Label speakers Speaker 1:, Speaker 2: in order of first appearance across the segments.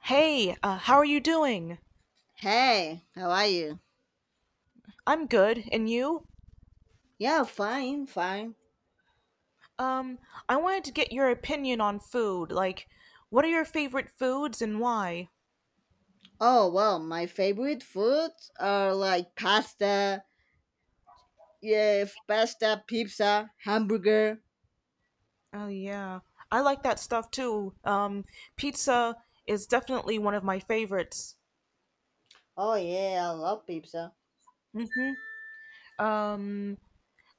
Speaker 1: Hey, how are you doing?
Speaker 2: Hey, how are you?
Speaker 1: I'm good, and you?
Speaker 2: Yeah, fine, fine.
Speaker 1: Um, I wanted to get your opinion on food. What are your favorite foods and why?
Speaker 2: Oh, well, my favorite foods are like pasta, yeah, pasta, pizza, hamburger.
Speaker 1: Oh, yeah. I like that stuff too. Pizza is definitely one of my favorites.
Speaker 2: Oh, yeah, I love pizza.
Speaker 1: mm hmm Um,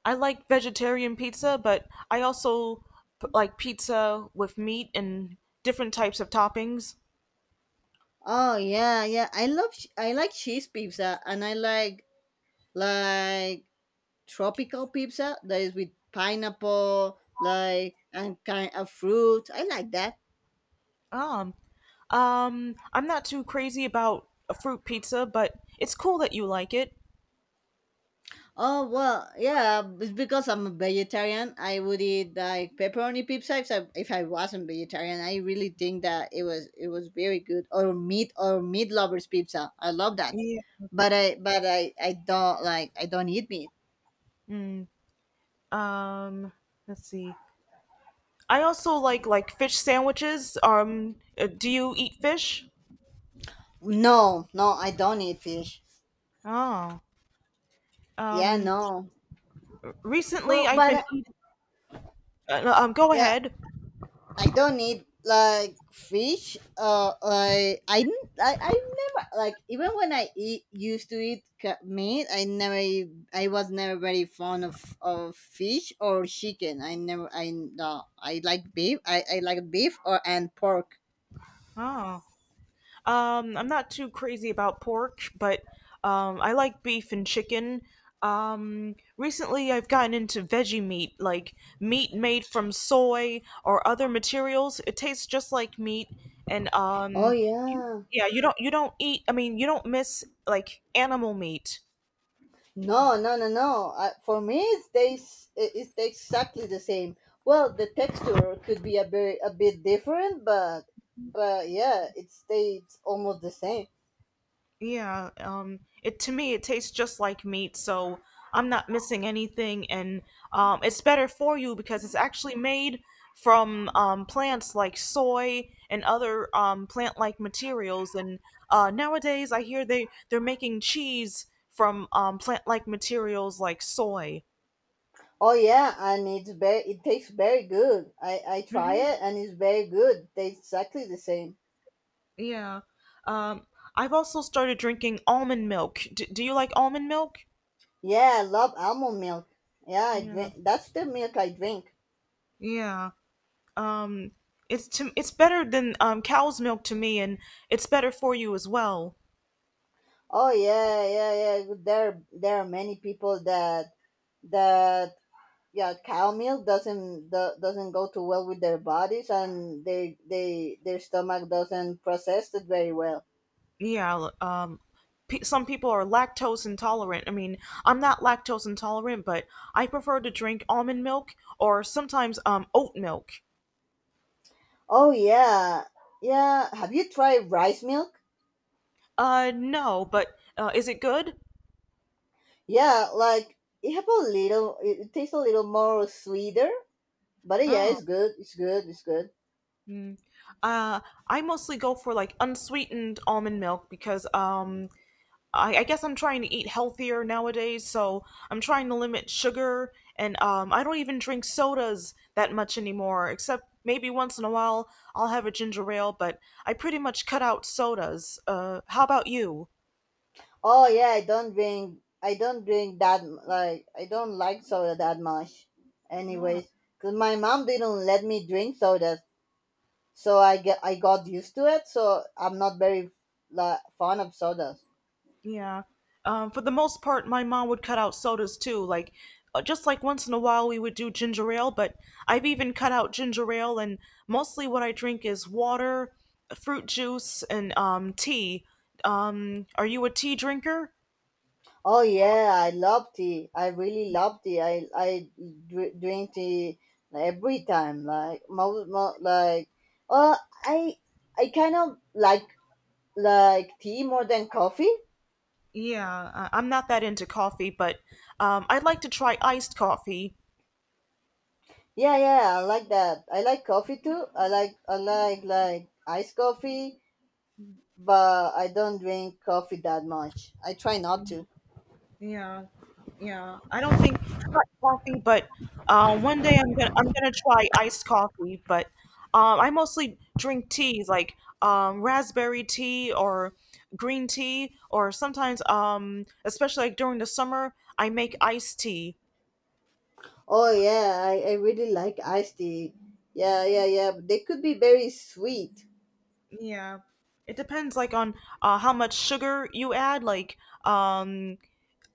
Speaker 1: I like vegetarian pizza, but I also like pizza with meat and different types of toppings.
Speaker 2: Oh, yeah, yeah. I like cheese pizza and I like tropical pizza that is with pineapple, like and kind of fruit. I like that.
Speaker 1: Um, I'm not too crazy about a fruit pizza, but it's cool that you like it.
Speaker 2: Oh well, yeah. It's because I'm a vegetarian. I would eat like pepperoni pizza if I wasn't vegetarian. I really think that it was very good. Or meat lovers pizza. I love that.
Speaker 1: Yeah.
Speaker 2: But I don't like I don't eat meat.
Speaker 1: Mm, um, let's see. I also like fish sandwiches. Do you eat fish?
Speaker 2: No, I don't eat fish.
Speaker 1: Oh,
Speaker 2: Yeah,
Speaker 1: um,
Speaker 2: no.
Speaker 1: recently
Speaker 2: Well,
Speaker 1: I've
Speaker 2: but
Speaker 1: been eating. No, go
Speaker 2: yeah,
Speaker 1: ahead.
Speaker 2: I don't need like fish. Like I never like even when I eat used to eat meat. I was never very fond of fish or chicken. I never, I no, I like beef. I like beef or and pork.
Speaker 1: Oh. I'm not too crazy about pork, but I like beef and chicken. Recently, I've gotten into veggie meat, like meat made from soy or other materials. It tastes just like meat, and
Speaker 2: Oh
Speaker 1: um, you,
Speaker 2: yeah.
Speaker 1: yeah, you don't eat. I mean, you don't miss like animal meat.
Speaker 2: No, no, no, no. For me, it tastes exactly the same. Well, the texture could be a bit different, but yeah, it stays almost the same.
Speaker 1: Yeah, it to me it tastes just like meat, so I'm not missing anything, and it's better for you because it's actually made from plants like soy and other plant-like materials. And nowadays, I hear they're making cheese from plant-like materials like soy.
Speaker 2: Oh yeah, and it tastes very good. I try
Speaker 1: hmm
Speaker 2: it and it's very good. Tastes exactly the same.
Speaker 1: Yeah, um, I've also started drinking almond milk. D Do you like almond milk?
Speaker 2: Yeah, I love almond milk. Yeah, I
Speaker 1: Yeah.
Speaker 2: drink, that's the milk I drink.
Speaker 1: Yeah. Um, it's to it's better than cow's milk to me, and it's better for you as well.
Speaker 2: Oh yeah, yeah, yeah. There are many people that that yeah, cow milk doesn't go too well with their bodies and they, their stomach doesn't process it very well.
Speaker 1: Yeah. Some people are lactose intolerant. I mean, I'm not lactose intolerant, but I prefer to drink almond milk or sometimes oat milk.
Speaker 2: Oh yeah. Yeah, have you tried rice milk?
Speaker 1: No, but is it good?
Speaker 2: Yeah, like it have a little. It tastes a little more sweeter, but yeah,
Speaker 1: Oh.
Speaker 2: it's good. It's good. It's good.
Speaker 1: mm. Uh, I mostly go for like unsweetened almond milk because I guess I'm trying to eat healthier nowadays, so I'm trying to limit sugar, and I don't even drink sodas that much anymore, except maybe once in a while I'll have a ginger ale, but I pretty much cut out sodas. How about you?
Speaker 2: Oh yeah, I don't drink that. Like I don't like soda that much. Anyways, cause my mom didn't let me drink sodas, so I got used to it. So I'm not very like fond of sodas.
Speaker 1: Yeah. For the most part, my mom would cut out sodas too. Like, just like once in a while, we would do ginger ale, but I've even cut out ginger ale, and mostly what I drink is water, fruit juice, and tea. Are you a tea drinker?
Speaker 2: Oh yeah, I love tea. I really love tea. Drink tea every time. Like most, mo like well, I I kind of like tea more than coffee.
Speaker 1: I'm not that into coffee, but I'd like to try iced coffee.
Speaker 2: Yeah, yeah, I like that. I like coffee too. I like iced coffee, but I don't drink coffee that much. I try not to.
Speaker 1: Yeah, yeah. I don't think not coffee, but one day I'm gonna try iced coffee. But I mostly drink teas like raspberry tea or green tea, or sometimes especially like during the summer, I make iced tea.
Speaker 2: Oh yeah, I really like iced tea. Yeah, yeah, yeah. But they could be very sweet.
Speaker 1: Yeah, it depends like on how much sugar you add. Like um,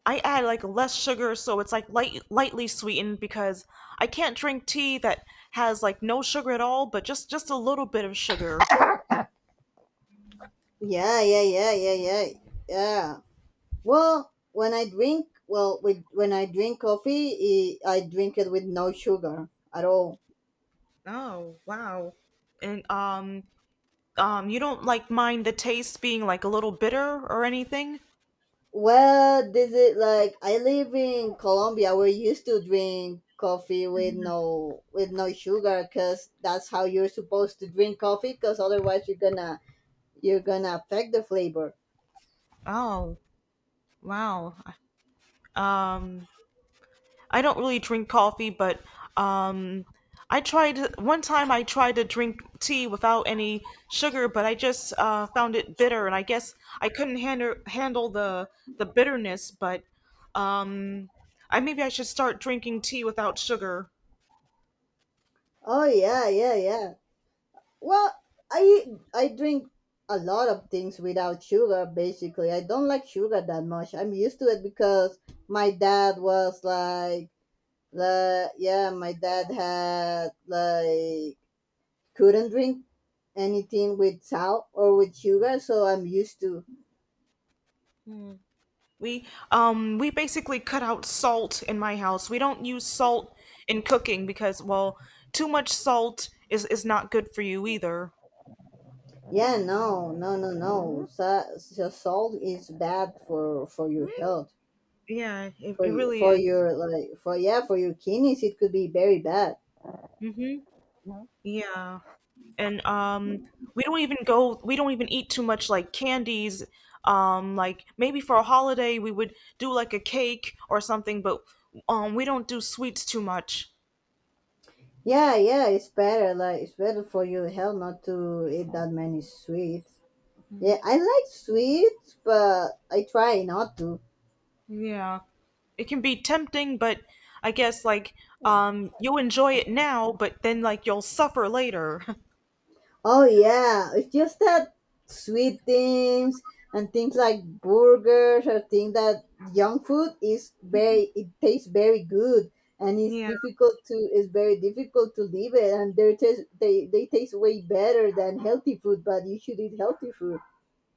Speaker 1: I add like less sugar, so it's like lightly sweetened because I can't drink tea that has like no sugar at all, but just a little bit of sugar.
Speaker 2: Yeah, yeah, yeah, yeah, yeah, yeah. Well, well, with when I drink coffee, I drink it with no sugar at all.
Speaker 1: Oh, wow. And you don't like mind the taste being like a little bitter or anything.
Speaker 2: Well, this is like I live in Colombia. We're used to drink coffee with no, with no sugar because that's how you're supposed to drink coffee. Because otherwise, you're gonna affect the flavor.
Speaker 1: Oh, wow. Um, I don't really drink coffee, but um, I tried one time. I tried to drink tea without any sugar, but I just found it bitter, and I guess I couldn't handle the bitterness. But um, I maybe I should start drinking tea without sugar.
Speaker 2: Oh yeah, yeah, yeah. Well, I I drink a lot of things without sugar. Basically, I don't like sugar that much. I'm used to it because my dad was like, the yeah, my dad had like couldn't drink anything with salt or with sugar, so I'm used to.
Speaker 1: Hmm. We we basically cut out salt in my house. We don't use salt in cooking because well, too much salt is not good for you either.
Speaker 2: Yeah, no, no, no, no. So, salt is bad for your health.
Speaker 1: Yeah,
Speaker 2: For,
Speaker 1: it
Speaker 2: you, for
Speaker 1: really
Speaker 2: your like for yeah for your kidneys it could be very bad.
Speaker 1: is. Yeah. And we don't even eat too much like candies. Like maybe for a holiday we would do like a cake or something, but we don't do sweets too much.
Speaker 2: Yeah, yeah, it's better. Like it's better for your health not to eat that many sweets. Yeah, I like sweets, but I try not to.
Speaker 1: Yeah. It can be tempting, but I guess you enjoy it now, but then like you'll suffer later.
Speaker 2: Oh yeah, it's just that sweet things and things like burgers or things that junk food is very it tastes very good and
Speaker 1: Yeah.
Speaker 2: it's very difficult to leave it and they taste way better than healthy food but you should eat healthy food.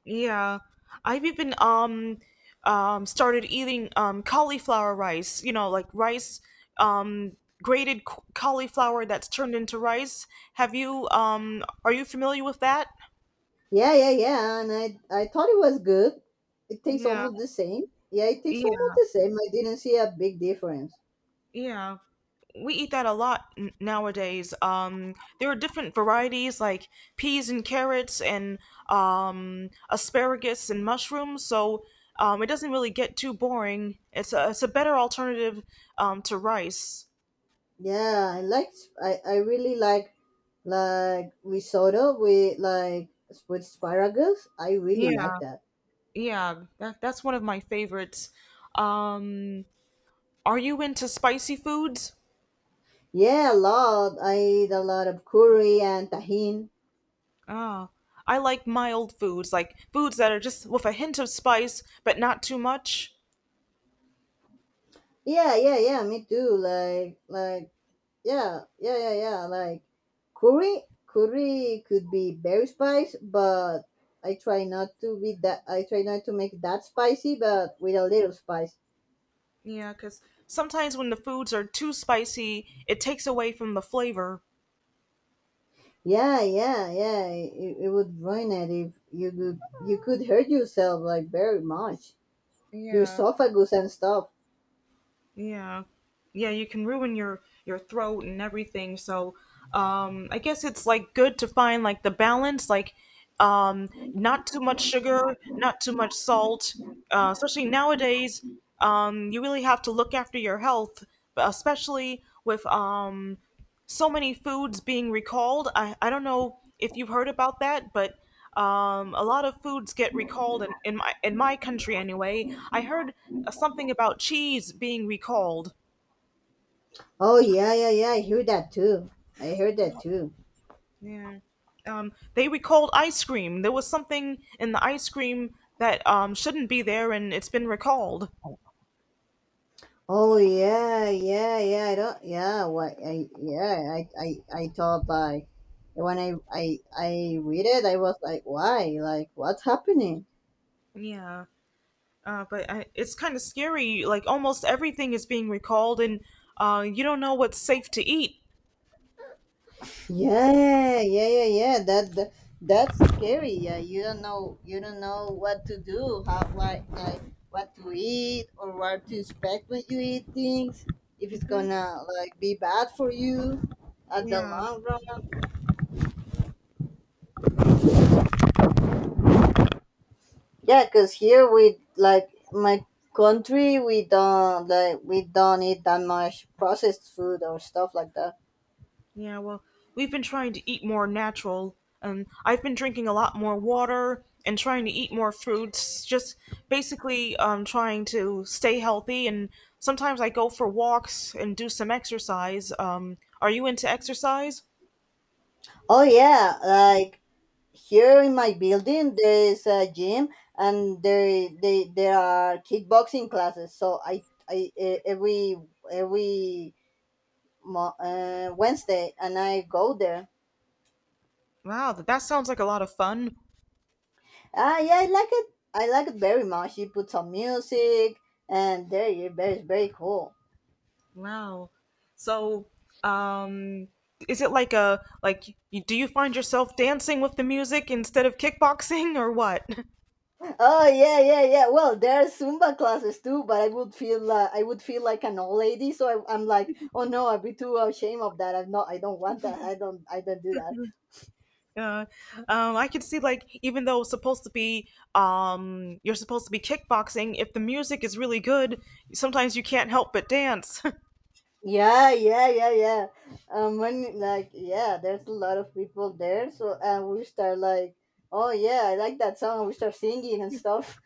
Speaker 1: Yeah, I've even Started eating cauliflower rice, you know, like rice um cauliflower that's turned into rice. Have you Are you familiar with that?
Speaker 2: Yeah, yeah, yeah. And I thought it was good. It tastes
Speaker 1: Yeah.
Speaker 2: almost the same. Yeah, it tastes
Speaker 1: Yeah.
Speaker 2: almost the same. I didn't see a big difference.
Speaker 1: Yeah. We eat that a lot nowadays. There are different varieties like peas and carrots and asparagus and mushrooms, so it doesn't really get too boring. It's a better alternative to rice.
Speaker 2: Yeah, I like, I really like risotto with like with asparagus. I really
Speaker 1: Yeah,
Speaker 2: like that.
Speaker 1: yeah. That that's one of my favorites. Um, are you into spicy foods?
Speaker 2: Yeah, a lot. I eat a lot of curry and tahine.
Speaker 1: Ah, I like mild foods, like foods that are just with a hint of spice, but not too much.
Speaker 2: Yeah, yeah, yeah, me too. Like yeah, yeah, yeah, yeah. Like curry could be very spice, but I try not to be that. I try not to make that spicy, but with a little spice.
Speaker 1: Yeah, 'cause sometimes when the foods are too spicy, it takes away from the flavor.
Speaker 2: Yeah, yeah, yeah. It would ruin it if you could. You could hurt yourself like very much. Your
Speaker 1: Yeah.
Speaker 2: esophagus and stuff.
Speaker 1: Yeah. Yeah, you can ruin your throat and everything. So, I guess it's like good to find like the balance, like not too much sugar, not too much salt. Especially nowadays, you really have to look after your health, but especially with so many foods being recalled. I don't know if you've heard about that, but a lot of foods get recalled in my country anyway. I heard something about cheese being recalled.
Speaker 2: Oh yeah, yeah, yeah. I heard that too. I heard that too.
Speaker 1: Yeah. They recalled ice cream. There was something in the ice cream that shouldn't be there, and it's been recalled.
Speaker 2: Oh yeah, yeah, yeah. I don't. Yeah, what? I yeah. I thought by when I read it, I was like, why? Like, what's happening?
Speaker 1: Yeah, but it's kind of scary. Like almost everything is being recalled, and you don't know what's safe to eat.
Speaker 2: Yeah, yeah, yeah, yeah. That, that's scary. Yeah, you don't know. You don't know what to do. How like what to eat or what to expect when you eat things. If it's
Speaker 1: hmm
Speaker 2: gonna like be bad for you at the
Speaker 1: Yeah.
Speaker 2: long run. Yeah, cause here we like my country we don't like we don't eat that much processed food or stuff like that.
Speaker 1: Yeah, well, we've been trying to eat more natural, and I've been drinking a lot more water and trying to eat more fruits, just basically trying to stay healthy. And sometimes I go for walks and do some exercise. Are you into exercise?
Speaker 2: Oh yeah, like here in my building there is a gym and there they there are kickboxing classes. So I e- every mo- Wednesday and I go there.
Speaker 1: Wow, that sounds like a lot of fun.
Speaker 2: Ah yeah, I like it. I like it very much. You put some music and there you very very cool.
Speaker 1: Wow. So, um, is it like a do you find yourself dancing with the music instead of kickboxing or what?
Speaker 2: Oh yeah, yeah, yeah. Well, there are Zumba classes too, but I would feel like an old lady, so I'm like, oh no, I'd be too ashamed of that. I'm not. I don't want that. I don't. I don't do that.
Speaker 1: Yeah, I could see like even though it's supposed to be you're supposed to be kickboxing, if the music is really good, sometimes you can't help but dance.
Speaker 2: Yeah, yeah, yeah, yeah. When like yeah, there's a lot of people there, so and we start like, oh yeah, I like that song. We start singing and stuff.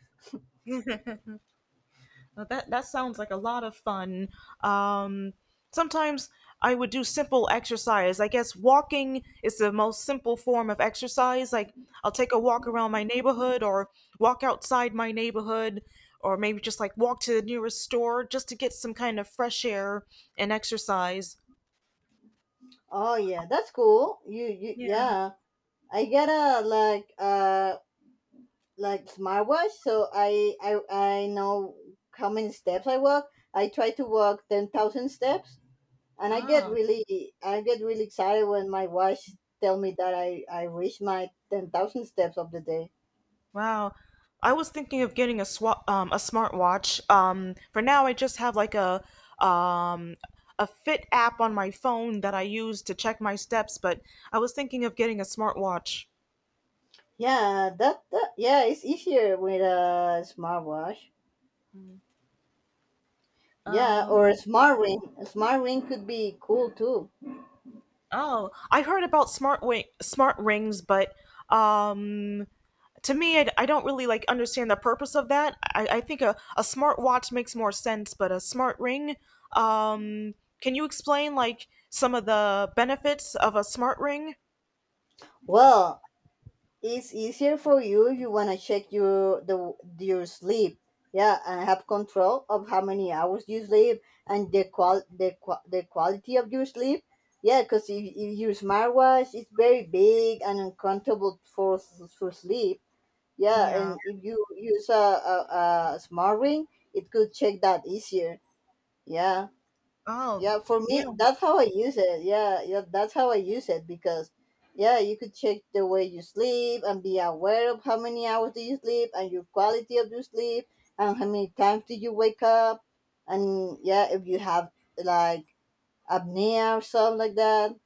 Speaker 1: Now that that sounds like a lot of fun. Um, Sometimes I would do simple exercise. I guess walking is the most simple form of exercise. Like I'll take a walk around my neighborhood or walk outside my neighborhood or maybe just like walk to the nearest store just to get some kind of fresh air and exercise.
Speaker 2: Oh yeah, that's cool. You
Speaker 1: Yeah.
Speaker 2: yeah. I gotta like smartwatch so I know how many steps I walk, I try to walk 10,000 steps and I get
Speaker 1: Ah,
Speaker 2: really, I get really excited when my watch tell me that i reached my 10,000 steps of the day.
Speaker 1: wow. I was thinking of getting a a smartwatch. For now, I just have like um, a Fit app on my phone that I use to check my steps. But I was thinking of getting a smartwatch.
Speaker 2: Yeah that, that yeah it's easier with a smartwatch. Yeah, or
Speaker 1: Um,
Speaker 2: a smart ring, a smart ring could be cool too.
Speaker 1: oh, I heard about smart rings, but um, to me, I don't really like understand the purpose of that. I think a smart watch makes more sense, but a smart ring, um, can you explain like some of the benefits of a smart ring?
Speaker 2: Well, it's easier for you if you wanna check your the your sleep. Yeah, and have control of how many hours you sleep and the quality of your sleep. Yeah, because if your smartwatch is very big and uncomfortable for for sleep. Yeah,
Speaker 1: Yeah.
Speaker 2: and if you use a smart ring, it could check that easier. Yeah.
Speaker 1: Oh,
Speaker 2: Yeah, for me,
Speaker 1: yeah.
Speaker 2: that's how I use it. Yeah, yeah, that's how I use it because, yeah, you could check the way you sleep and be aware of how many hours do you sleep and your quality of your sleep and how many times do you wake up, and yeah, if you have like apnea or something like that.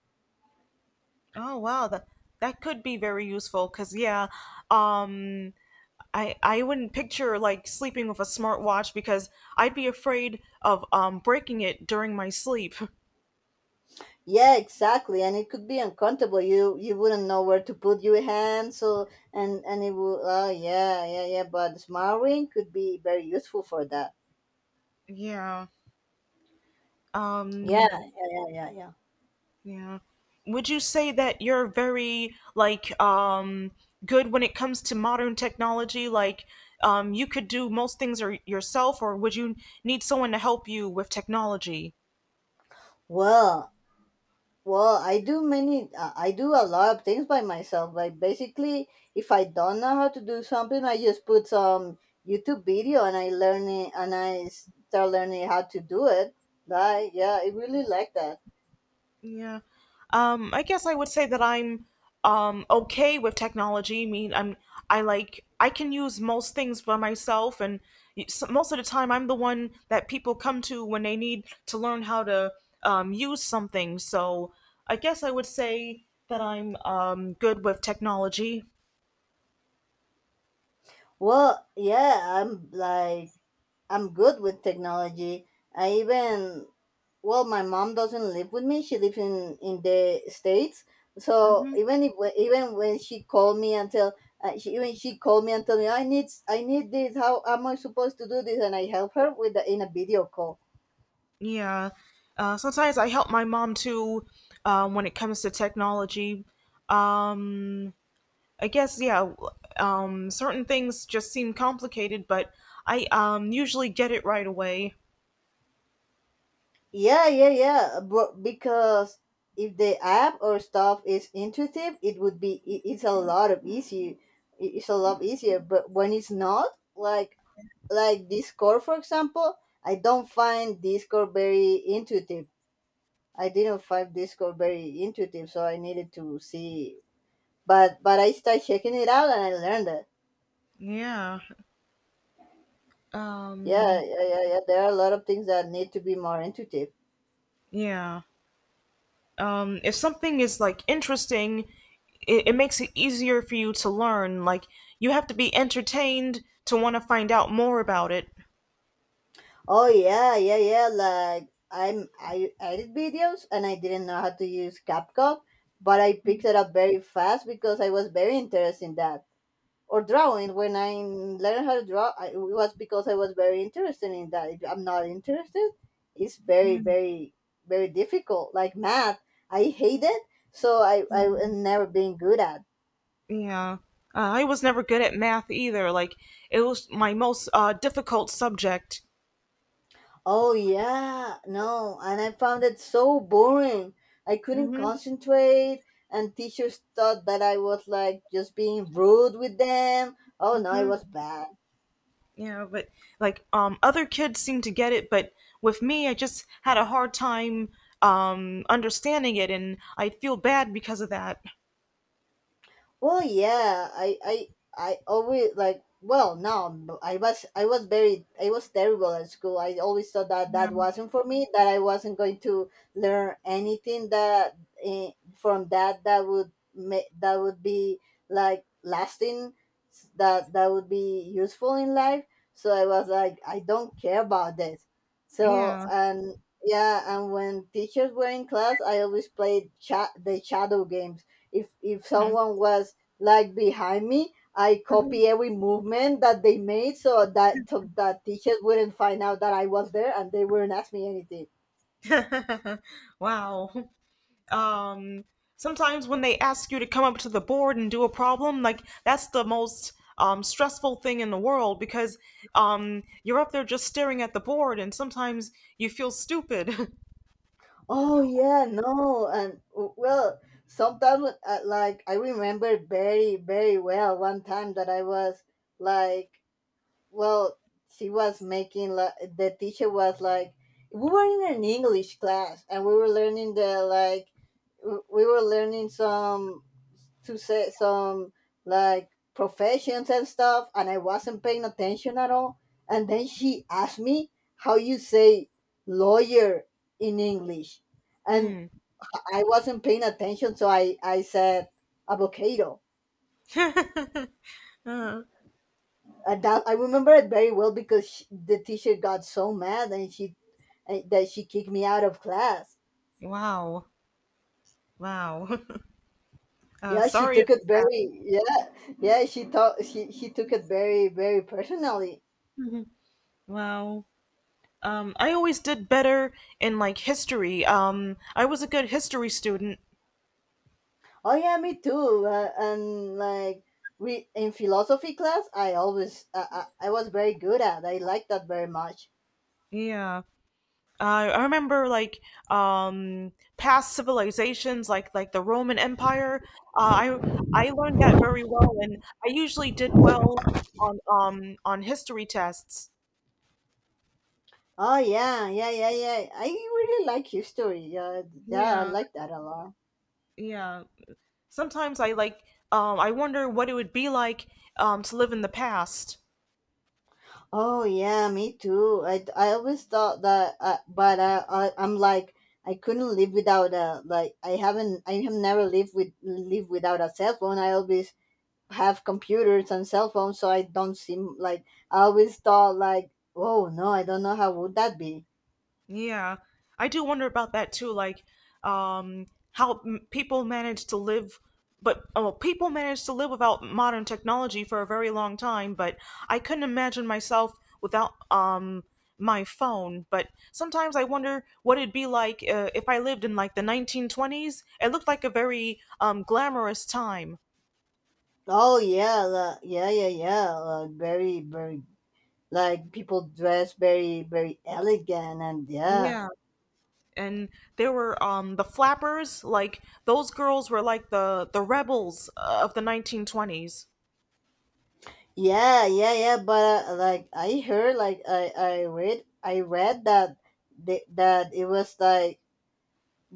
Speaker 1: Oh, wow. That could be very useful because yeah, um, I wouldn't picture like sleeping with a smartwatch because I'd be afraid of breaking it during my sleep.
Speaker 2: Yeah, exactly, and it could be uncomfortable. You wouldn't know where to put your hand, so and it would. Oh yeah, yeah, yeah. But smart ring could be very useful for that.
Speaker 1: Yeah.
Speaker 2: Yeah,
Speaker 1: Um,
Speaker 2: yeah, yeah, yeah, yeah.
Speaker 1: yeah. Would you say that you're very good when it comes to modern technology? You could do most things or yourself, or would you need someone to help you with technology?
Speaker 2: Well, Well, I do a lot of things by myself. Like basically, if I don't know how to do something, I just put some YouTube video and I learn it, and I start learning how to do it. Like, yeah, I really like that.
Speaker 1: Yeah. I guess I would say that I'm okay with technology. I mean, I'm I like I can use most things by myself, and y- s most of the time I'm the one that people come to when they need to learn how to use something. So I guess I would say that I'm good with technology.
Speaker 2: Well, yeah, I'm like I'm good with technology. I even well, my mom doesn't live with me. She lives in the states. So
Speaker 1: hmm
Speaker 2: even if even when she called me and tell me I need, I need this. How am I supposed to do this? And I help her with the, in a video call.
Speaker 1: Yeah. Sometimes I help my mom too, when it comes to technology. Um, I guess yeah, certain things just seem complicated, but I usually get it right away.
Speaker 2: Yeah, yeah, yeah. But because if the app or stuff is intuitive, it would be it's a lot of easier. It's a lot easier. But when it's not, like Discord, for example, I don't find Discord very intuitive. I didn't find Discord very intuitive, so I needed to see. But I started checking it out and I learned that.
Speaker 1: Yeah.
Speaker 2: Yeah,
Speaker 1: Um
Speaker 2: yeah, yeah, yeah. There are a lot of things that need to be more intuitive.
Speaker 1: yeah. If something is like interesting, it makes it easier for you to learn. Like you have to be entertained to want to find out more about it.
Speaker 2: Oh yeah, yeah, yeah. Like I edit videos and I didn't know how to use CapCut, but I picked it up very fast because I was very interested in that. Or drawing when I learned how to draw, it was because I was very interested in that. If I'm not interested, it's very,
Speaker 1: Mm,
Speaker 2: very, very difficult. Like math, I hate it, so I have never been good at.
Speaker 1: Yeah. I was never good at math either. Like it was my most difficult subject.
Speaker 2: Oh yeah, no, and I found it so boring. I couldn't
Speaker 1: Mhm.
Speaker 2: concentrate, and teachers thought that I was like just being rude with them. Oh no, it was bad.
Speaker 1: Yeah, but like other kids seem to get it, but with me I just had a hard time understanding it and I feel bad because of that.
Speaker 2: Well, yeah, I always like. Well, no, b- I was very, I was terrible at school. I always thought that that
Speaker 1: Yeah.
Speaker 2: wasn't for me, that I wasn't going to learn anything eh, from that would be like lasting, that that would be useful in life. So I was like, I don't care about this. So
Speaker 1: Yeah.
Speaker 2: and Yeah, and when teachers were in class, I always the shadow game. If
Speaker 1: Mhm.
Speaker 2: someone was like behind me, I
Speaker 1: Mhm.
Speaker 2: copy every movement that they made, so that teachers wouldn't find out that I was there and they wouldn't ask me anything.
Speaker 1: Wow. Um Sometimes when they ask you to come up to the board and do a problem, like that's the most stressful thing in the world because you're up there just staring at the board and sometimes you feel stupid.
Speaker 2: Oh yeah, no, and sometimes like I remember very very well one time that i was like well. She was making like, the teacher was like, we were in an English class and we were learning we were learning some to say some like professions and stuff, and I wasn't paying attention at all. And then she asked me how you say lawyer in English. And
Speaker 1: Hmm.
Speaker 2: I wasn't paying attention, so I said avocado.
Speaker 1: Uh,
Speaker 2: And that, I remember it very well because the teacher got so mad and she and that she kicked me out of class.
Speaker 1: wow. Wow.
Speaker 2: Yeah, she
Speaker 1: Sorry
Speaker 2: took it
Speaker 1: about that.
Speaker 2: very, yeah, yeah, she took it very very personally.
Speaker 1: Wow. I always did better in like history. I was a good history student.
Speaker 2: Oh yeah, me too. And like we in philosophy class, I always I was very good at. I liked that very much.
Speaker 1: Yeah. I remember like past civilizations like the Roman Empire. Uh, I I learned that very well and I usually did well on history tests.
Speaker 2: Oh yeah, yeah, yeah, yeah. I really like history. Yeah, yeah, I
Speaker 1: Yeah,
Speaker 2: like that a lot.
Speaker 1: yeah. Sometimes I like I wonder what it would be like to live in the past.
Speaker 2: Oh yeah, me too. I always thought that, but I I'm like I couldn't live without a like I have never lived without a cell phone. I always have computers and cell phones, so I don't seem like. I always thought like, oh no, I don't know how would that be.
Speaker 1: Yeah, I do wonder about that too. Like, um, people manage to live, but oh, well, people manage to live without modern technology for a very long time. But I couldn't imagine myself without my phone. But sometimes I wonder what it'd be like if I lived in like the 1920s. It looked like a very glamorous time.
Speaker 2: Oh yeah, yeah, yeah, yeah. Like very, very like people dress very, very elegant, and yeah,
Speaker 1: Yeah, and there were the flappers. Like those girls were like the rebels of the 1920s.
Speaker 2: yeah, yeah, yeah. But like I heard, I read that that it was like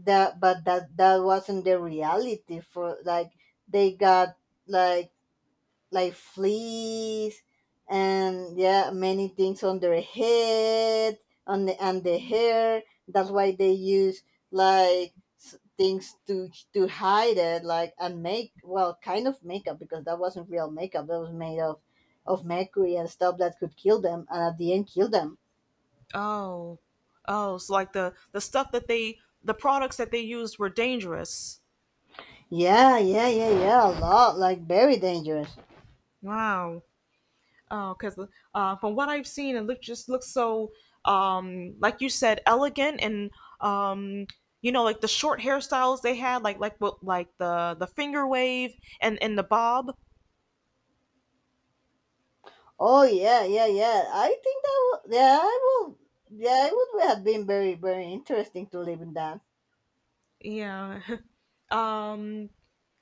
Speaker 2: that, but that that wasn't the reality for like. They got like fleas and yeah many things on their head, on the and the hair. That's why they use like things to hide it, like, and make, well, kind of makeup, because that wasn't real makeup. That was made of mercury and stuff that could kill them, and at the end kill them.
Speaker 1: Oh, oh, so like the stuff that they the products that they used were dangerous.
Speaker 2: Yeah, yeah, yeah, yeah, a lot, like very dangerous.
Speaker 1: Wow. Oh, because from what I've seen, it look just looks so like you said elegant and um you know like the short hairstyles they had like the finger wave and the bob.
Speaker 2: Oh yeah, yeah, yeah, I think that. Will, yeah, I will, yeah, it would have been very, very interesting to live in that.
Speaker 1: Yeah. Um,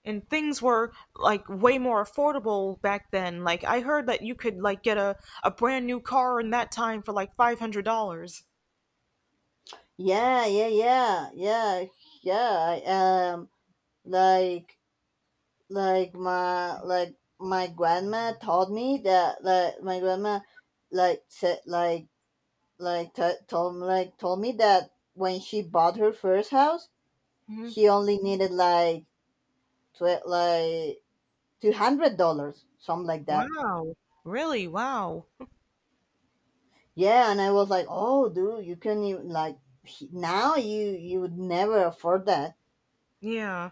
Speaker 1: and things were like way more affordable back then. Like I heard that you could like get a brand new car in that time for like $500.
Speaker 2: Yeah, yeah, yeah, yeah, yeah. I, like, like my, Like my grandma told me that, like, my grandma, like, said, like, t- told, like, told me that when she bought her first house,
Speaker 1: Mhm.
Speaker 2: she only needed tw- like, $200, something like that.
Speaker 1: Wow. Really? Wow.
Speaker 2: Yeah, and I was like, oh, dude, you can even now you would never afford that.
Speaker 1: Yeah.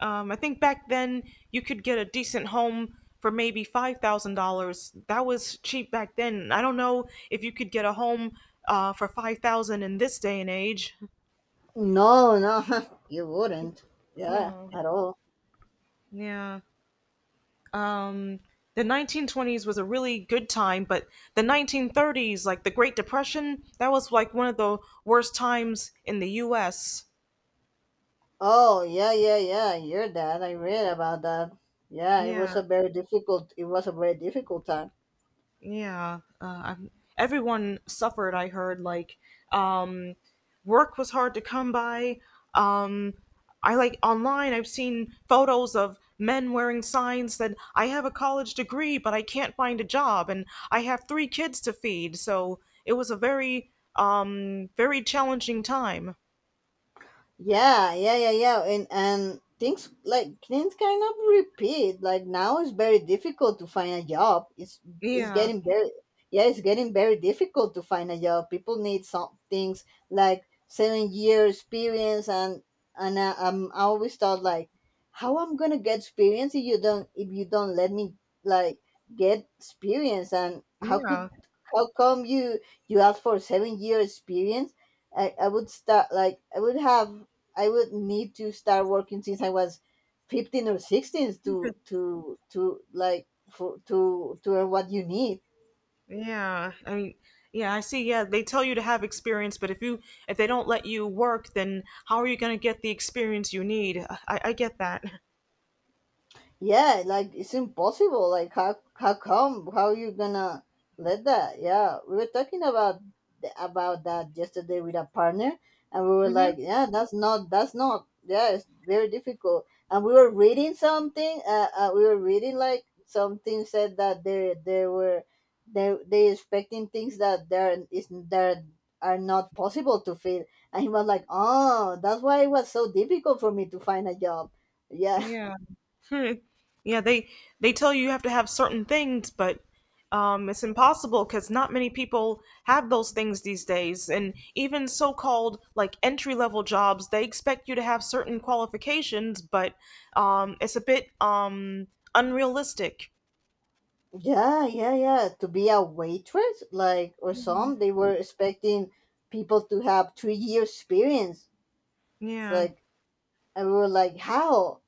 Speaker 1: I think back then you could get a decent home for maybe $5,000. That was cheap back then. I don't know if you could get a home for 5,000 in this day and age.
Speaker 2: No, no, you wouldn't. Yeah,
Speaker 1: Yeah.
Speaker 2: at all.
Speaker 1: Yeah. Um, the 1920s was a really good time, but the 1930s, like the Great Depression, that was like one of the worst times in the US.
Speaker 2: Oh, yeah, yeah, yeah. Your dad. I read about that. Yeah, it
Speaker 1: Yeah.
Speaker 2: was a very difficult. It was a very difficult time.
Speaker 1: Yeah, uh, I'm, everyone suffered. I heard like um, work was hard to come by. Um, I like online, I've seen photos of men wearing signs that I have a college degree, but I can't find a job, and I have 3 kids to feed. So it was a very, very challenging time.
Speaker 2: Yeah, yeah, yeah, yeah. And things like things kind of repeat. Like now it's very difficult to find a job. It's
Speaker 1: Yeah,
Speaker 2: getting very, yeah, it's getting very difficult to find a job. People need some things like 7 year experience, and I always thought like how I'm gonna get experience if you don't let me like get experience, and how could,
Speaker 1: yeah.
Speaker 2: how come you ask for 7 year experience. I would start like I would have, I would need to start working since I was 15 or 16 to like for to earn what you need.
Speaker 1: Yeah, I mean, yeah, I see. Yeah, they tell you to have experience, but if they don't let you work, then how are you going to get the experience you need? I get that.
Speaker 2: Yeah, like it's impossible. Like how come, how you gonna let that. Yeah, we were talking about about that yesterday with a partner, and we were
Speaker 1: Hmm.
Speaker 2: like yeah that's not, that's not, yeah, it's very difficult. And we were reading something, uh, we were reading like something said that they were, they expecting things that there is that are not possible to feel. And he was like, oh that's why it was so difficult for me to find a job. Yeah.
Speaker 1: Yeah. Hmm. Yeah, they tell you you have to have certain things, but it's impossible because not many people have those things these days. And even so-called like entry-level jobs, they expect you to have certain qualifications, but it's a bit unrealistic.
Speaker 2: Yeah, yeah, yeah. To be a waitress, like, or some, they were expecting people to have 3 years experience. It's
Speaker 1: Yeah.
Speaker 2: like, and we were like, how?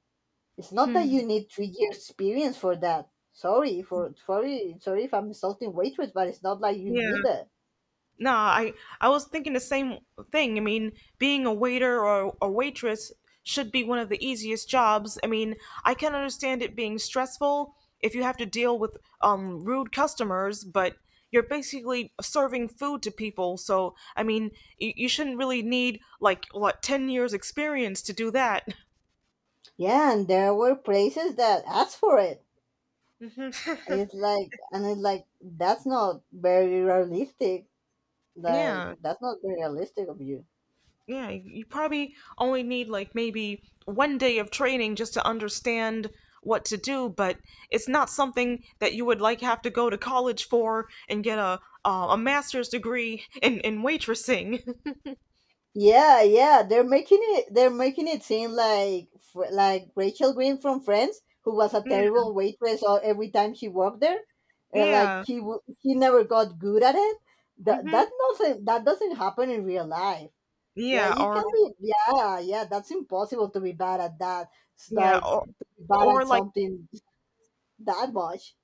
Speaker 2: It's not that
Speaker 1: Hmm.
Speaker 2: you need 3 years experience for that. Sorry for sorry sorry if I'm insulting waitress, but it's not like you
Speaker 1: Yeah.
Speaker 2: need it.
Speaker 1: No, I was thinking the same thing. I mean, being a waiter or a waitress should be one of the easiest jobs. I mean, I can understand it being stressful if you have to deal with rude customers, but you're basically serving food to people. So, I mean, you shouldn't really need like what 10 years experience to do that.
Speaker 2: Yeah, and there were places that asked for it.
Speaker 1: Mhm.
Speaker 2: It's like, and it's like that's not very realistic. Like
Speaker 1: Yeah.
Speaker 2: that's not very realistic of you.
Speaker 1: Yeah, you probably only need like maybe 1 day of training just to understand what to do, but it's not something that you would like have to go to college for and get a master's degree in waitressing.
Speaker 2: Yeah, yeah, they're making it. They're making it seem like like Rachel Green from Friends, who was a
Speaker 1: Yeah,
Speaker 2: terrible waitress. Or every time she worked there. Like
Speaker 1: yeah,
Speaker 2: she never got good at it.
Speaker 1: hmm,
Speaker 2: That doesn't happen in real life. Yeah,
Speaker 1: yeah,
Speaker 2: you
Speaker 1: or
Speaker 2: can be. Yeah, yeah, that's impossible to be bad at that. It's
Speaker 1: yeah,
Speaker 2: like to be bad
Speaker 1: or
Speaker 2: at
Speaker 1: like
Speaker 2: something that much.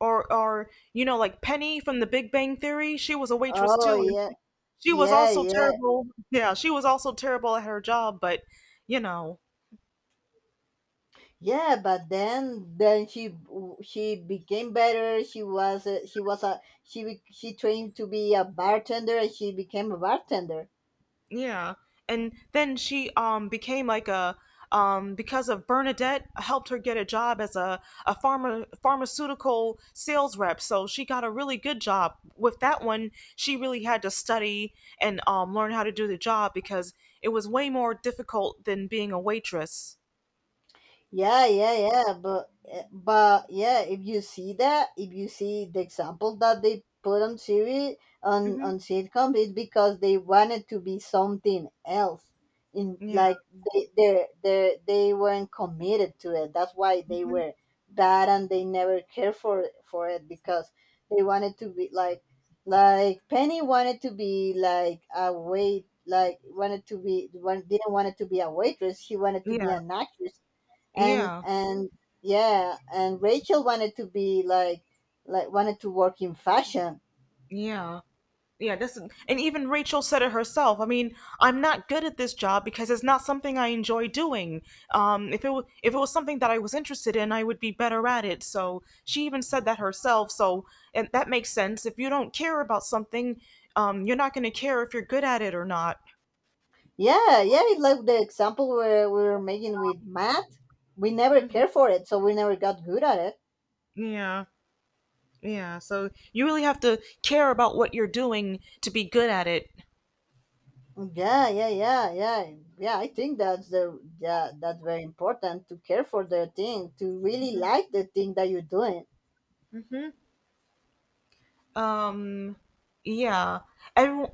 Speaker 1: or you know, like Penny from The Big Bang Theory, she was a waitress
Speaker 2: Oh
Speaker 1: too,
Speaker 2: yeah,
Speaker 1: she was
Speaker 2: yeah,
Speaker 1: also
Speaker 2: yeah.
Speaker 1: terrible. Yeah, she was also terrible at her job, but you know.
Speaker 2: Yeah, but then she became better. She was a, she was a she be- She trained to be a bartender and she became a bartender.
Speaker 1: Yeah. And then she became like a because of Bernadette helped her get a job as a pharmaceutical sales rep. So she got a really good job. With that one, she really had to study and learn how to do the job because it was way more difficult than being a waitress.
Speaker 2: Yeah, yeah, yeah, but eh, but yeah, if you see the example that they put on series on
Speaker 1: Mhm.
Speaker 2: sitcom, it's because they wanted to be something else. In
Speaker 1: Yeah.
Speaker 2: like they weren't committed to it. That's why they were bad and they never cared for it, because they wanted to be like Penny wanted to be like a wait like wanted to be one didn't want it to be a waitress. She wanted to be
Speaker 1: Yeah.
Speaker 2: an actress, and
Speaker 1: Yeah.
Speaker 2: and yeah. And Rachel wanted to be like wanted to work in fashion.
Speaker 1: Yeah. yeah this is- and even Rachel said it herself. I mean, I'm not good at this job because it's not something I enjoy doing. If it was something that I was interested in, I would be better at it, so she even said that herself. So and that makes sense, if you don't care about something, you're not going to care if you're good at it or not.
Speaker 2: Yeah, yeah, it's like the example where we were making with Matt, we never
Speaker 1: Mhm.
Speaker 2: cared for it so we never got good at it.
Speaker 1: Yeah, yeah, so you really have to care about what you're doing to be good at it.
Speaker 2: Yeah, yeah, yeah, yeah, yeah, I think that's the, yeah, that's very important, to care for their thing, to really like the thing that you're doing.
Speaker 1: Um, yeah. Everyone,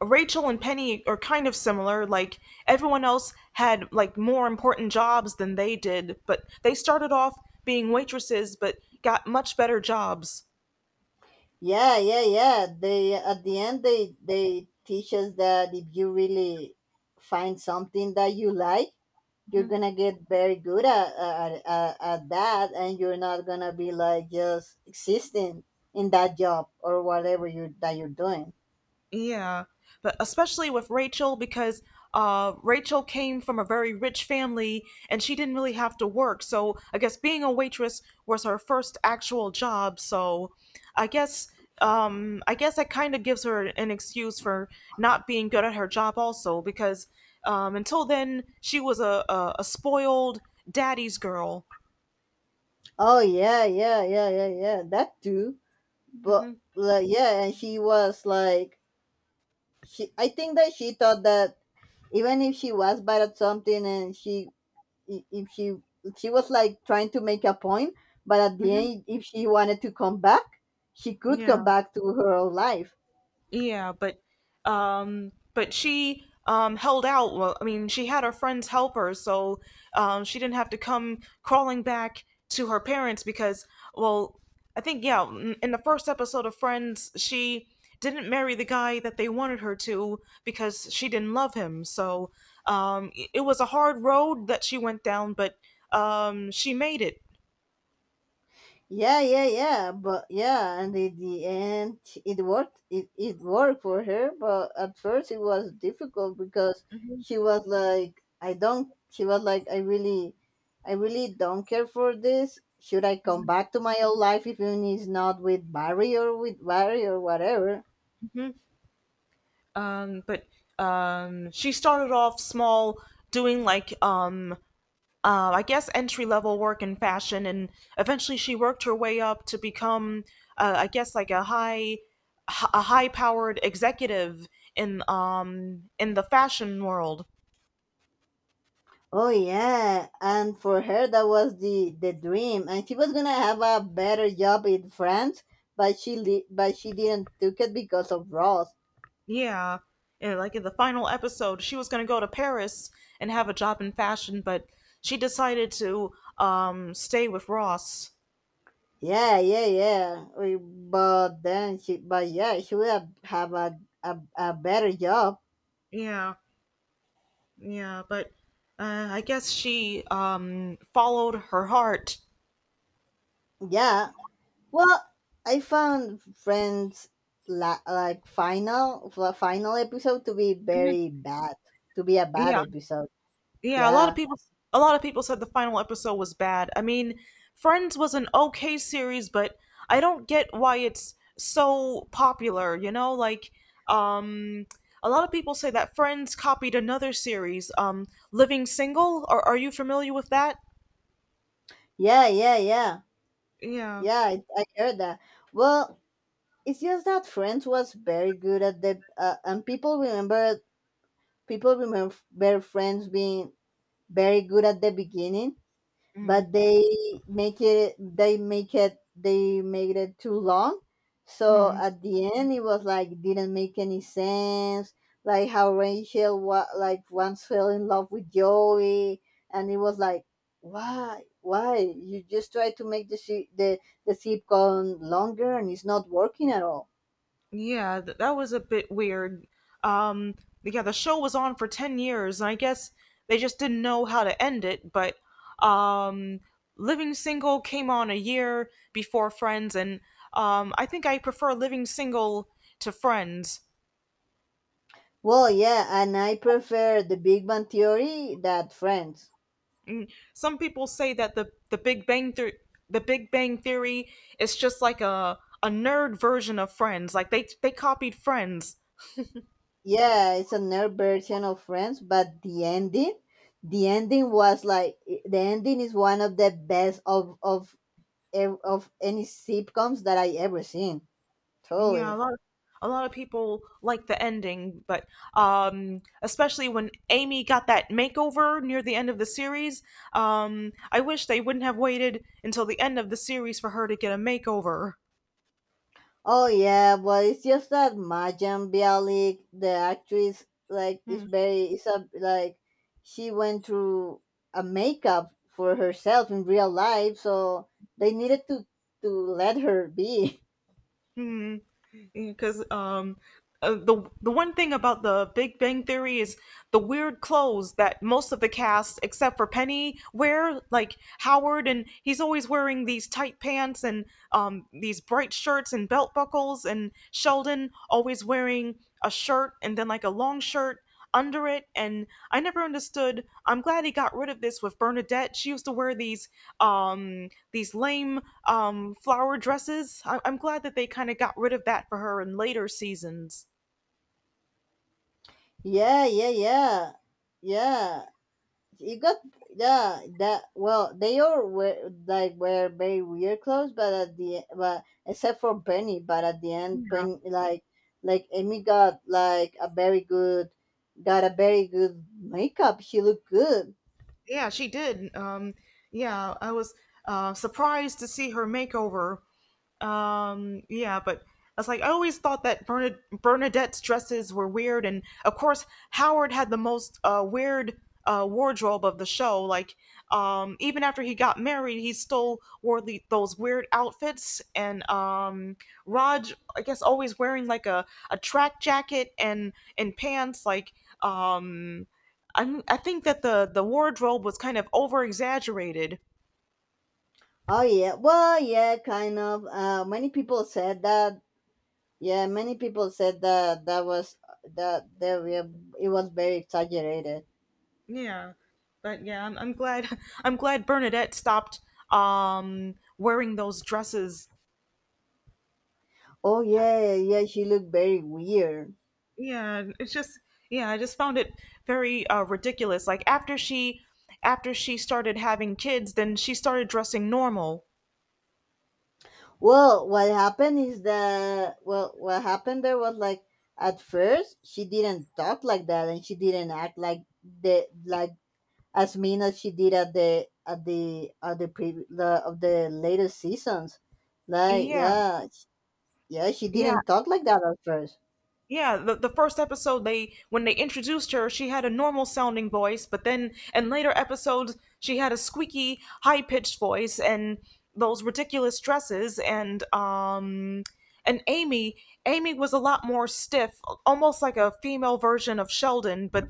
Speaker 1: Rachel and Penny are kind of similar. Like everyone else had like more important jobs than they did, but they started off being waitresses, but got much better jobs.
Speaker 2: Yeah, yeah, yeah, they at the end they teach us that if you really find something that you like, you're gonna get very good at that, and you're not gonna be like just existing in that job, or whatever you that you're doing.
Speaker 1: Yeah, but especially with Rachel, because Rachel came from a very rich family and she didn't really have to work. So I guess being a waitress was her first actual job. So I guess I guess that kind of gives her an excuse for not being good at her job also, because until then she was a spoiled daddy's girl.
Speaker 2: Oh yeah, yeah, yeah, yeah, yeah, that too. But
Speaker 1: Mhm.
Speaker 2: like, yeah, and she was like, she I think that she thought that even if she was bad at something, and she, I- if she she was like trying to make a point, but at the
Speaker 1: Mhm.
Speaker 2: end if she wanted to come back, she could come
Speaker 1: Yeah.
Speaker 2: back to her own life.
Speaker 1: Yeah, but she held out. Well, I mean, she had her friends help her, so she didn't have to come crawling back to her parents because well, I think yeah, in the first episode of Friends, she didn't marry the guy that they wanted her to because she didn't love him. So it it was a hard road that she went down, but she made it.
Speaker 2: Yeah, yeah, yeah, but yeah, and in the end, it worked. It worked for her, but at first it was difficult because she was like, I don't. She was like, I really don't care for this. Should I come back to my old life even if it's not with Barry, or with Barry, or whatever?
Speaker 1: But She started off small doing like I guess entry level work in fashion, and eventually she worked her way up to become, I guess, like a high powered executive in the fashion world.
Speaker 2: Oh yeah, and for her that was the dream, and she was gonna have a better job in France, but but she didn't took it because of Ross.
Speaker 1: Yeah. Yeah, like in the final episode, she was gonna go to Paris and have a job in fashion, but she decided to stay with Ross.
Speaker 2: Yeah, yeah, yeah. We, but then she, but yeah, she will have a better job.
Speaker 1: Yeah, yeah, but I guess she followed her heart.
Speaker 2: Yeah. Well, I found Friends final episode to be
Speaker 1: Mhm.
Speaker 2: very bad, to be a bad
Speaker 1: Yeah.
Speaker 2: episode.
Speaker 1: Yeah, a lot of
Speaker 2: Yeah,
Speaker 1: people a lot of people said the final episode was bad. I mean, Friends was an okay series, but I don't get why it's so popular, you know? Like um a lot of people say that Friends copied another series, Living Single. Are you familiar with that?
Speaker 2: yeah, yeah, yeah,
Speaker 1: Yeah.
Speaker 2: yeah. I heard that. Well, it's just that Friends was very good at the and people remember Friends being very good at the beginning,
Speaker 1: Mhm.
Speaker 2: but they make it they make it they made it too long, so
Speaker 1: Mhm.
Speaker 2: at the end it was like didn't make any sense. Like how Rachel once fell in love with Joey, and it was like why you just try to make the sitcom longer, and it's not working at all.
Speaker 1: Yeah, that was a bit weird. Um, yeah, the show was on for 10 years, and I guess they just didn't know how to end it, but um, Living Single came on a year before Friends, and I think I prefer Living Single to Friends.
Speaker 2: Well yeah, and I prefer the Big Bang Theory that Friends.
Speaker 1: Some people say that the Big Bang Theory is just like a nerd version of Friends. Like they copied Friends.
Speaker 2: Yeah, it's a nerd version of Friends, but the ending was like, the ending is one of the best of of any sitcoms that I ever seen.
Speaker 1: Yeah,
Speaker 2: Totally.
Speaker 1: a lot of people like the ending, but especially when Amy got that makeover near the end of the series, I wish they wouldn't have waited until the end of the series for her to get a makeover.
Speaker 2: Oh yeah, but it's just that Majan Bialik, the actress, like is
Speaker 1: Hmm.
Speaker 2: very, it's a like she went through a makeup for herself in real life, so they needed to let her be.
Speaker 1: Hmm. Because the one thing about the Big Bang Theory is the weird clothes that most of the cast, except for Penny, wear. Like Howard, and he's always wearing these tight pants and these bright shirts and belt buckles. And Sheldon always wearing a shirt and then like a long shirt under it. And I never understood. I'm glad he got rid of this with Bernadette. She used to wear these lame flower dresses. I'm glad that they kind of got rid of that for her in later seasons.
Speaker 2: Yeah, yeah, yeah, yeah. You got, yeah. That, well, they all were like, were very weird clothes, but at the, but except for Benny, but at the end Benny like Amy got like a very good, got a very good makeup. She looked good.
Speaker 1: Yeah, she did. Yeah, I was surprised to see her makeover. Yeah, but I was like, I always thought that Bernadette's dresses were weird, and of course, Howard had the most weird wardrobe of the show. Like, even after he got married, he still wore those weird outfits, and Raj, I guess, always wearing like a track jacket and pants. Like, um, I think that the wardrobe was kind of over exaggerated.
Speaker 2: Oh yeah, well yeah, kind of, many people said that. Yeah, many people said that, that was, that there it was very exaggerated.
Speaker 1: Yeah. But yeah, I'm glad I'm glad Bernadette stopped wearing those dresses.
Speaker 2: Oh yeah, yeah, she looked very weird.
Speaker 1: Yeah, it's just yeah, I just found it very ridiculous. Like after she started having kids, then she started dressing normal.
Speaker 2: Well, what happened is that, well, what happened there was like, at first she didn't talk like that, and she didn't act like the, like as mean as she did at the at the at the pre the of the later seasons. Like
Speaker 1: Yeah.
Speaker 2: yeah, yeah, she
Speaker 1: Yeah,
Speaker 2: didn't talk like that at first.
Speaker 1: Yeah, the first episode they when they introduced her, she had a normal sounding voice, but then in later episodes she had a squeaky, high pitched voice and those ridiculous dresses. And Amy, was a lot more stiff, almost like a female version of Sheldon, but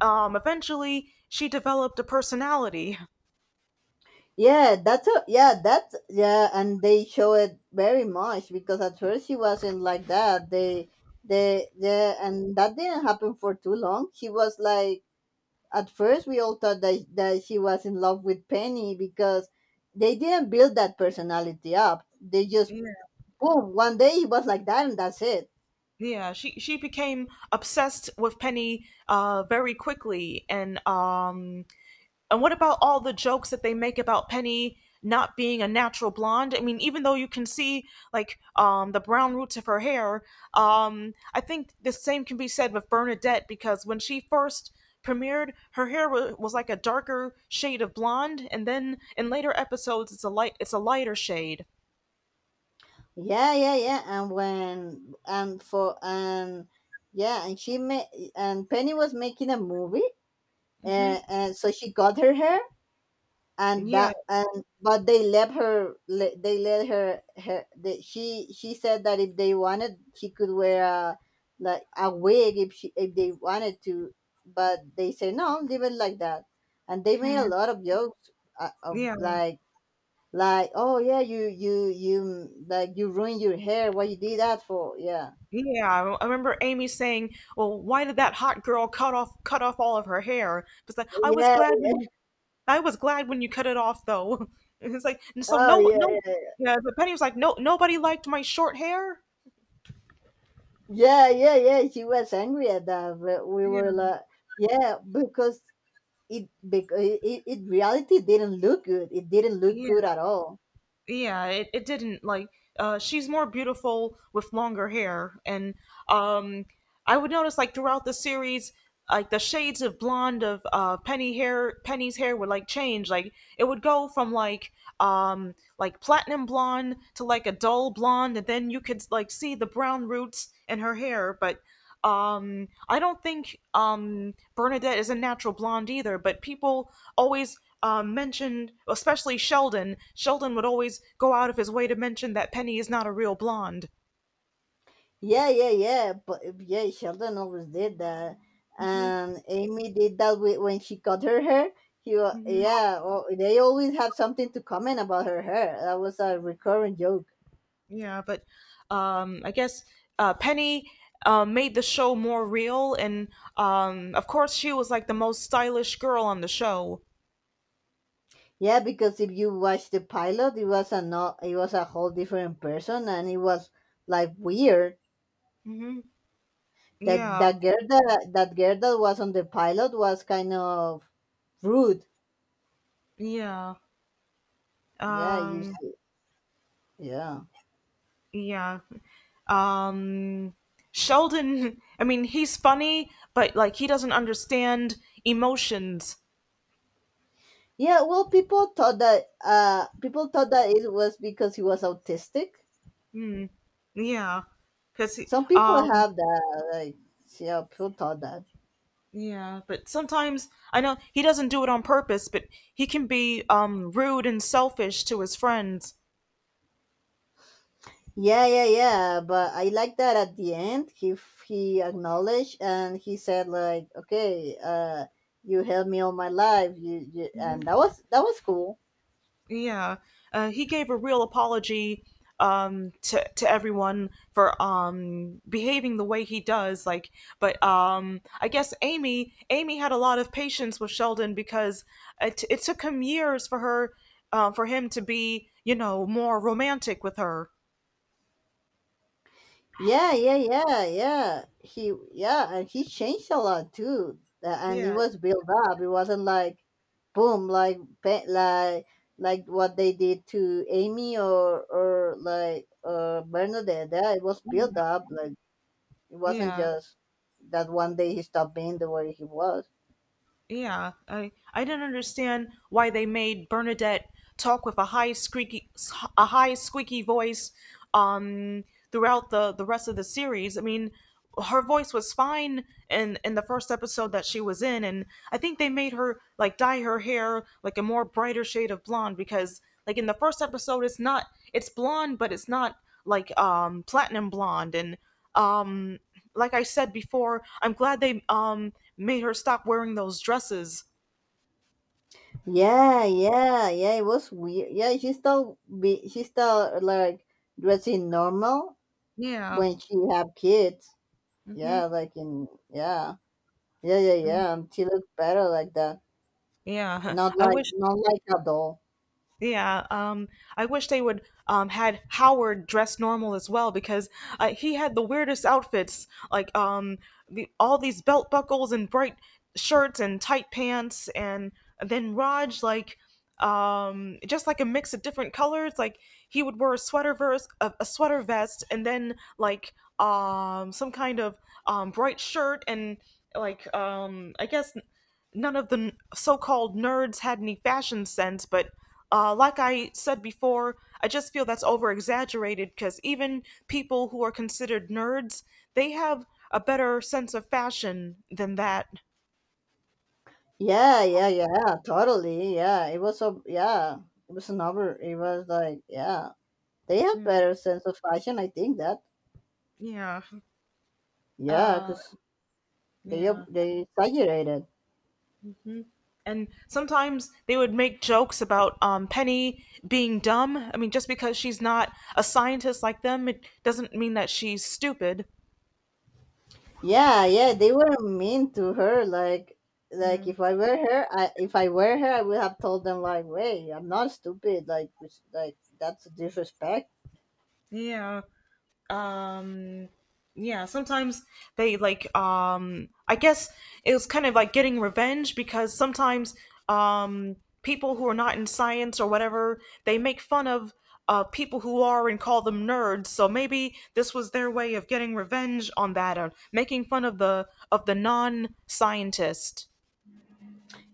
Speaker 1: eventually she developed a personality.
Speaker 2: Yeah, that's a, yeah, that's yeah, and they show it very much because at first she wasn't like that. They yeah, and that didn't happen for too long. She was like, at first we all thought that, that she was in love with Penny because they didn't build that personality up, they just
Speaker 1: Yeah.
Speaker 2: boom, one day he was like that and that's it.
Speaker 1: Yeah, she became obsessed with Penny very quickly. And what about all the jokes that they make about Penny not being a natural blonde? I mean, even though you can see the brown roots of her hair, I think the same can be said with Bernadette because when she first premiered, was like a darker shade of blonde, and then in later episodes, it's a lighter shade.
Speaker 2: Yeah yeah yeah, and when and for and yeah, and she made, and Penny was making a movie.
Speaker 1: Hmm.
Speaker 2: And so she got her hair, and
Speaker 1: Yeah.
Speaker 2: that, and but they let her they let her, her the, she said that if they wanted she could wear a, like a wig, if she, if they wanted to, but they say no, leave it like that. And they made a
Speaker 1: Hmm.
Speaker 2: lot of jokes, of
Speaker 1: Yeah,
Speaker 2: like oh yeah, you like, you ruined your hair, what you did that for. Yeah
Speaker 1: yeah. I remember Amy saying, "Well, why did that hot girl cut off all of her hair?" Because I was
Speaker 2: yeah.
Speaker 1: glad when I was glad when you cut it off though. It's like, and so
Speaker 2: Oh
Speaker 1: no, no,
Speaker 2: yeah
Speaker 1: yeah, but Penny was like, "No, nobody liked my short hair."
Speaker 2: yeah yeah yeah yeah, she was angry at that, but we
Speaker 1: Yeah,
Speaker 2: were like, yeah, because it, it in reality didn't look good. It didn't look
Speaker 1: yeah,
Speaker 2: good at all.
Speaker 1: yeah. It didn't like she's more beautiful with longer hair. And um I would notice like throughout the series like the shades of blonde of Penny's hair would like change. Like it would go from like platinum blonde to like a dull blonde, and then you could like see the brown roots in her hair, but I don't think Bernadette is a natural blonde either, but people always mentioned, especially Sheldon. Sheldon would always go out of his way to mention that Penny is not a real blonde.
Speaker 2: Yeah, yeah, yeah. But yeah, Sheldon always did that,
Speaker 1: Hmm.
Speaker 2: and Amy did that with, when she cut her hair.
Speaker 1: Hmm.
Speaker 2: Yeah, well, they always have something to comment about her hair. That was a recurring joke.
Speaker 1: Yeah, but I guess, Penny, made the show more real, and of course, she was like the most stylish girl on the show.
Speaker 2: Yeah, because if you watch the pilot, it was a not, it was a whole different person, and it was like weird.
Speaker 1: Hmm.
Speaker 2: That
Speaker 1: Yeah,
Speaker 2: that girl that girl that was on the pilot was kind of rude.
Speaker 1: yeah,
Speaker 2: Yeah, you
Speaker 1: um,
Speaker 2: s- Yeah.
Speaker 1: yeah. Um, Sheldon, I mean, he's funny, but like he doesn't understand emotions.
Speaker 2: Yeah, well people thought that it was because he was autistic.
Speaker 1: Yeah, because he,
Speaker 2: Some people have that, like, yeah, people thought that.
Speaker 1: yeah, but sometimes I know he doesn't do it on purpose, but he can be rude and selfish to his friends.
Speaker 2: Yeah, yeah, yeah. But I like that at the end he acknowledged and he said like, okay, uh, you helped me all my life. You, and that was, that was cool.
Speaker 1: Yeah, he gave a real apology to everyone for behaving the way he does. Like, but I guess Amy had a lot of patience with Sheldon because it took him years for her for him to be you know more romantic with her.
Speaker 2: Yeah, yeah, yeah, yeah. He, yeah, and he changed a lot too. And it
Speaker 1: Yeah,
Speaker 2: was built up. It wasn't like boom, like like what they did to Amy, or like Bernadette. Yeah, it was built up. Like it wasn't
Speaker 1: yeah.
Speaker 2: just that one day he stopped being the way he was.
Speaker 1: Yeah, I didn't understand why they made Bernadette talk with a high squeaky voice um throughout the rest of the series. I mean, her voice was fine in the first episode that she was in. And I think they made her like dye her hair like a more brighter shade of blonde because like in the first episode it's not, it's blonde but it's not like platinum blonde. And um like I said before, I'm glad they made her stop wearing those dresses.
Speaker 2: Yeah, yeah, yeah. It was weird. Yeah, she still be she still like dressing normal
Speaker 1: Yeah.
Speaker 2: when she have kids.
Speaker 1: Mm-hmm.
Speaker 2: Yeah, like in yeah. Yeah, yeah, yeah. She looks better like that.
Speaker 1: Yeah.
Speaker 2: Not
Speaker 1: I
Speaker 2: like,
Speaker 1: wish,
Speaker 2: not like a doll.
Speaker 1: yeah, I wish they would had Howard dressed normal as well because he had the weirdest outfits, like the all these belt buckles and bright shirts and tight pants, and then Raj like just like a mix of different colors. Like he would wear a sweater vest, a sweater vest, and then like some kind of bright shirt. And like I guess none of the n- so-called nerds had any fashion sense. But like I said before, I just feel that's over exaggerated because even people who are considered nerds, they have a better sense of fashion than that.
Speaker 2: Yeah, yeah, yeah. Totally. Yeah. It was so yeah. It was another, it was like yeah. They have
Speaker 1: Mm,
Speaker 2: better sense of fashion, I think that.
Speaker 1: yeah.
Speaker 2: Yeah,
Speaker 1: uh,
Speaker 2: because
Speaker 1: yeah.
Speaker 2: they exaggerated.
Speaker 1: Mhm. And sometimes they would make jokes about Penny being dumb. I mean, just because she's not a scientist like them, it doesn't mean that she's stupid.
Speaker 2: Yeah, yeah, they were mean to her. Like if I were her, I if I were her I would have told them like, wait, I'm not stupid, like like that's disrespect.
Speaker 1: Yeah. um yeah, sometimes they like I guess it was kind of like getting revenge because sometimes um people who are not in science or whatever, they make fun of people who are and call them nerds, so maybe this was their way of getting revenge on that, or making fun of the non-scientist.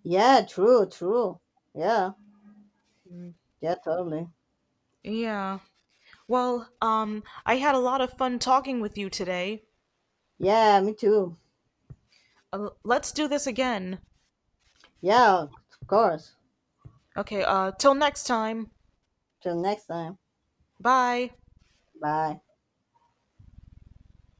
Speaker 2: Yeah, true, true. Yeah, yeah, totally.
Speaker 1: Yeah, well, I had a lot of fun talking with you today.
Speaker 2: Yeah, me too.
Speaker 1: Let's do this again.
Speaker 2: Yeah, of course.
Speaker 1: Okay, till next time.
Speaker 2: Till next time.
Speaker 1: Bye.
Speaker 2: Bye.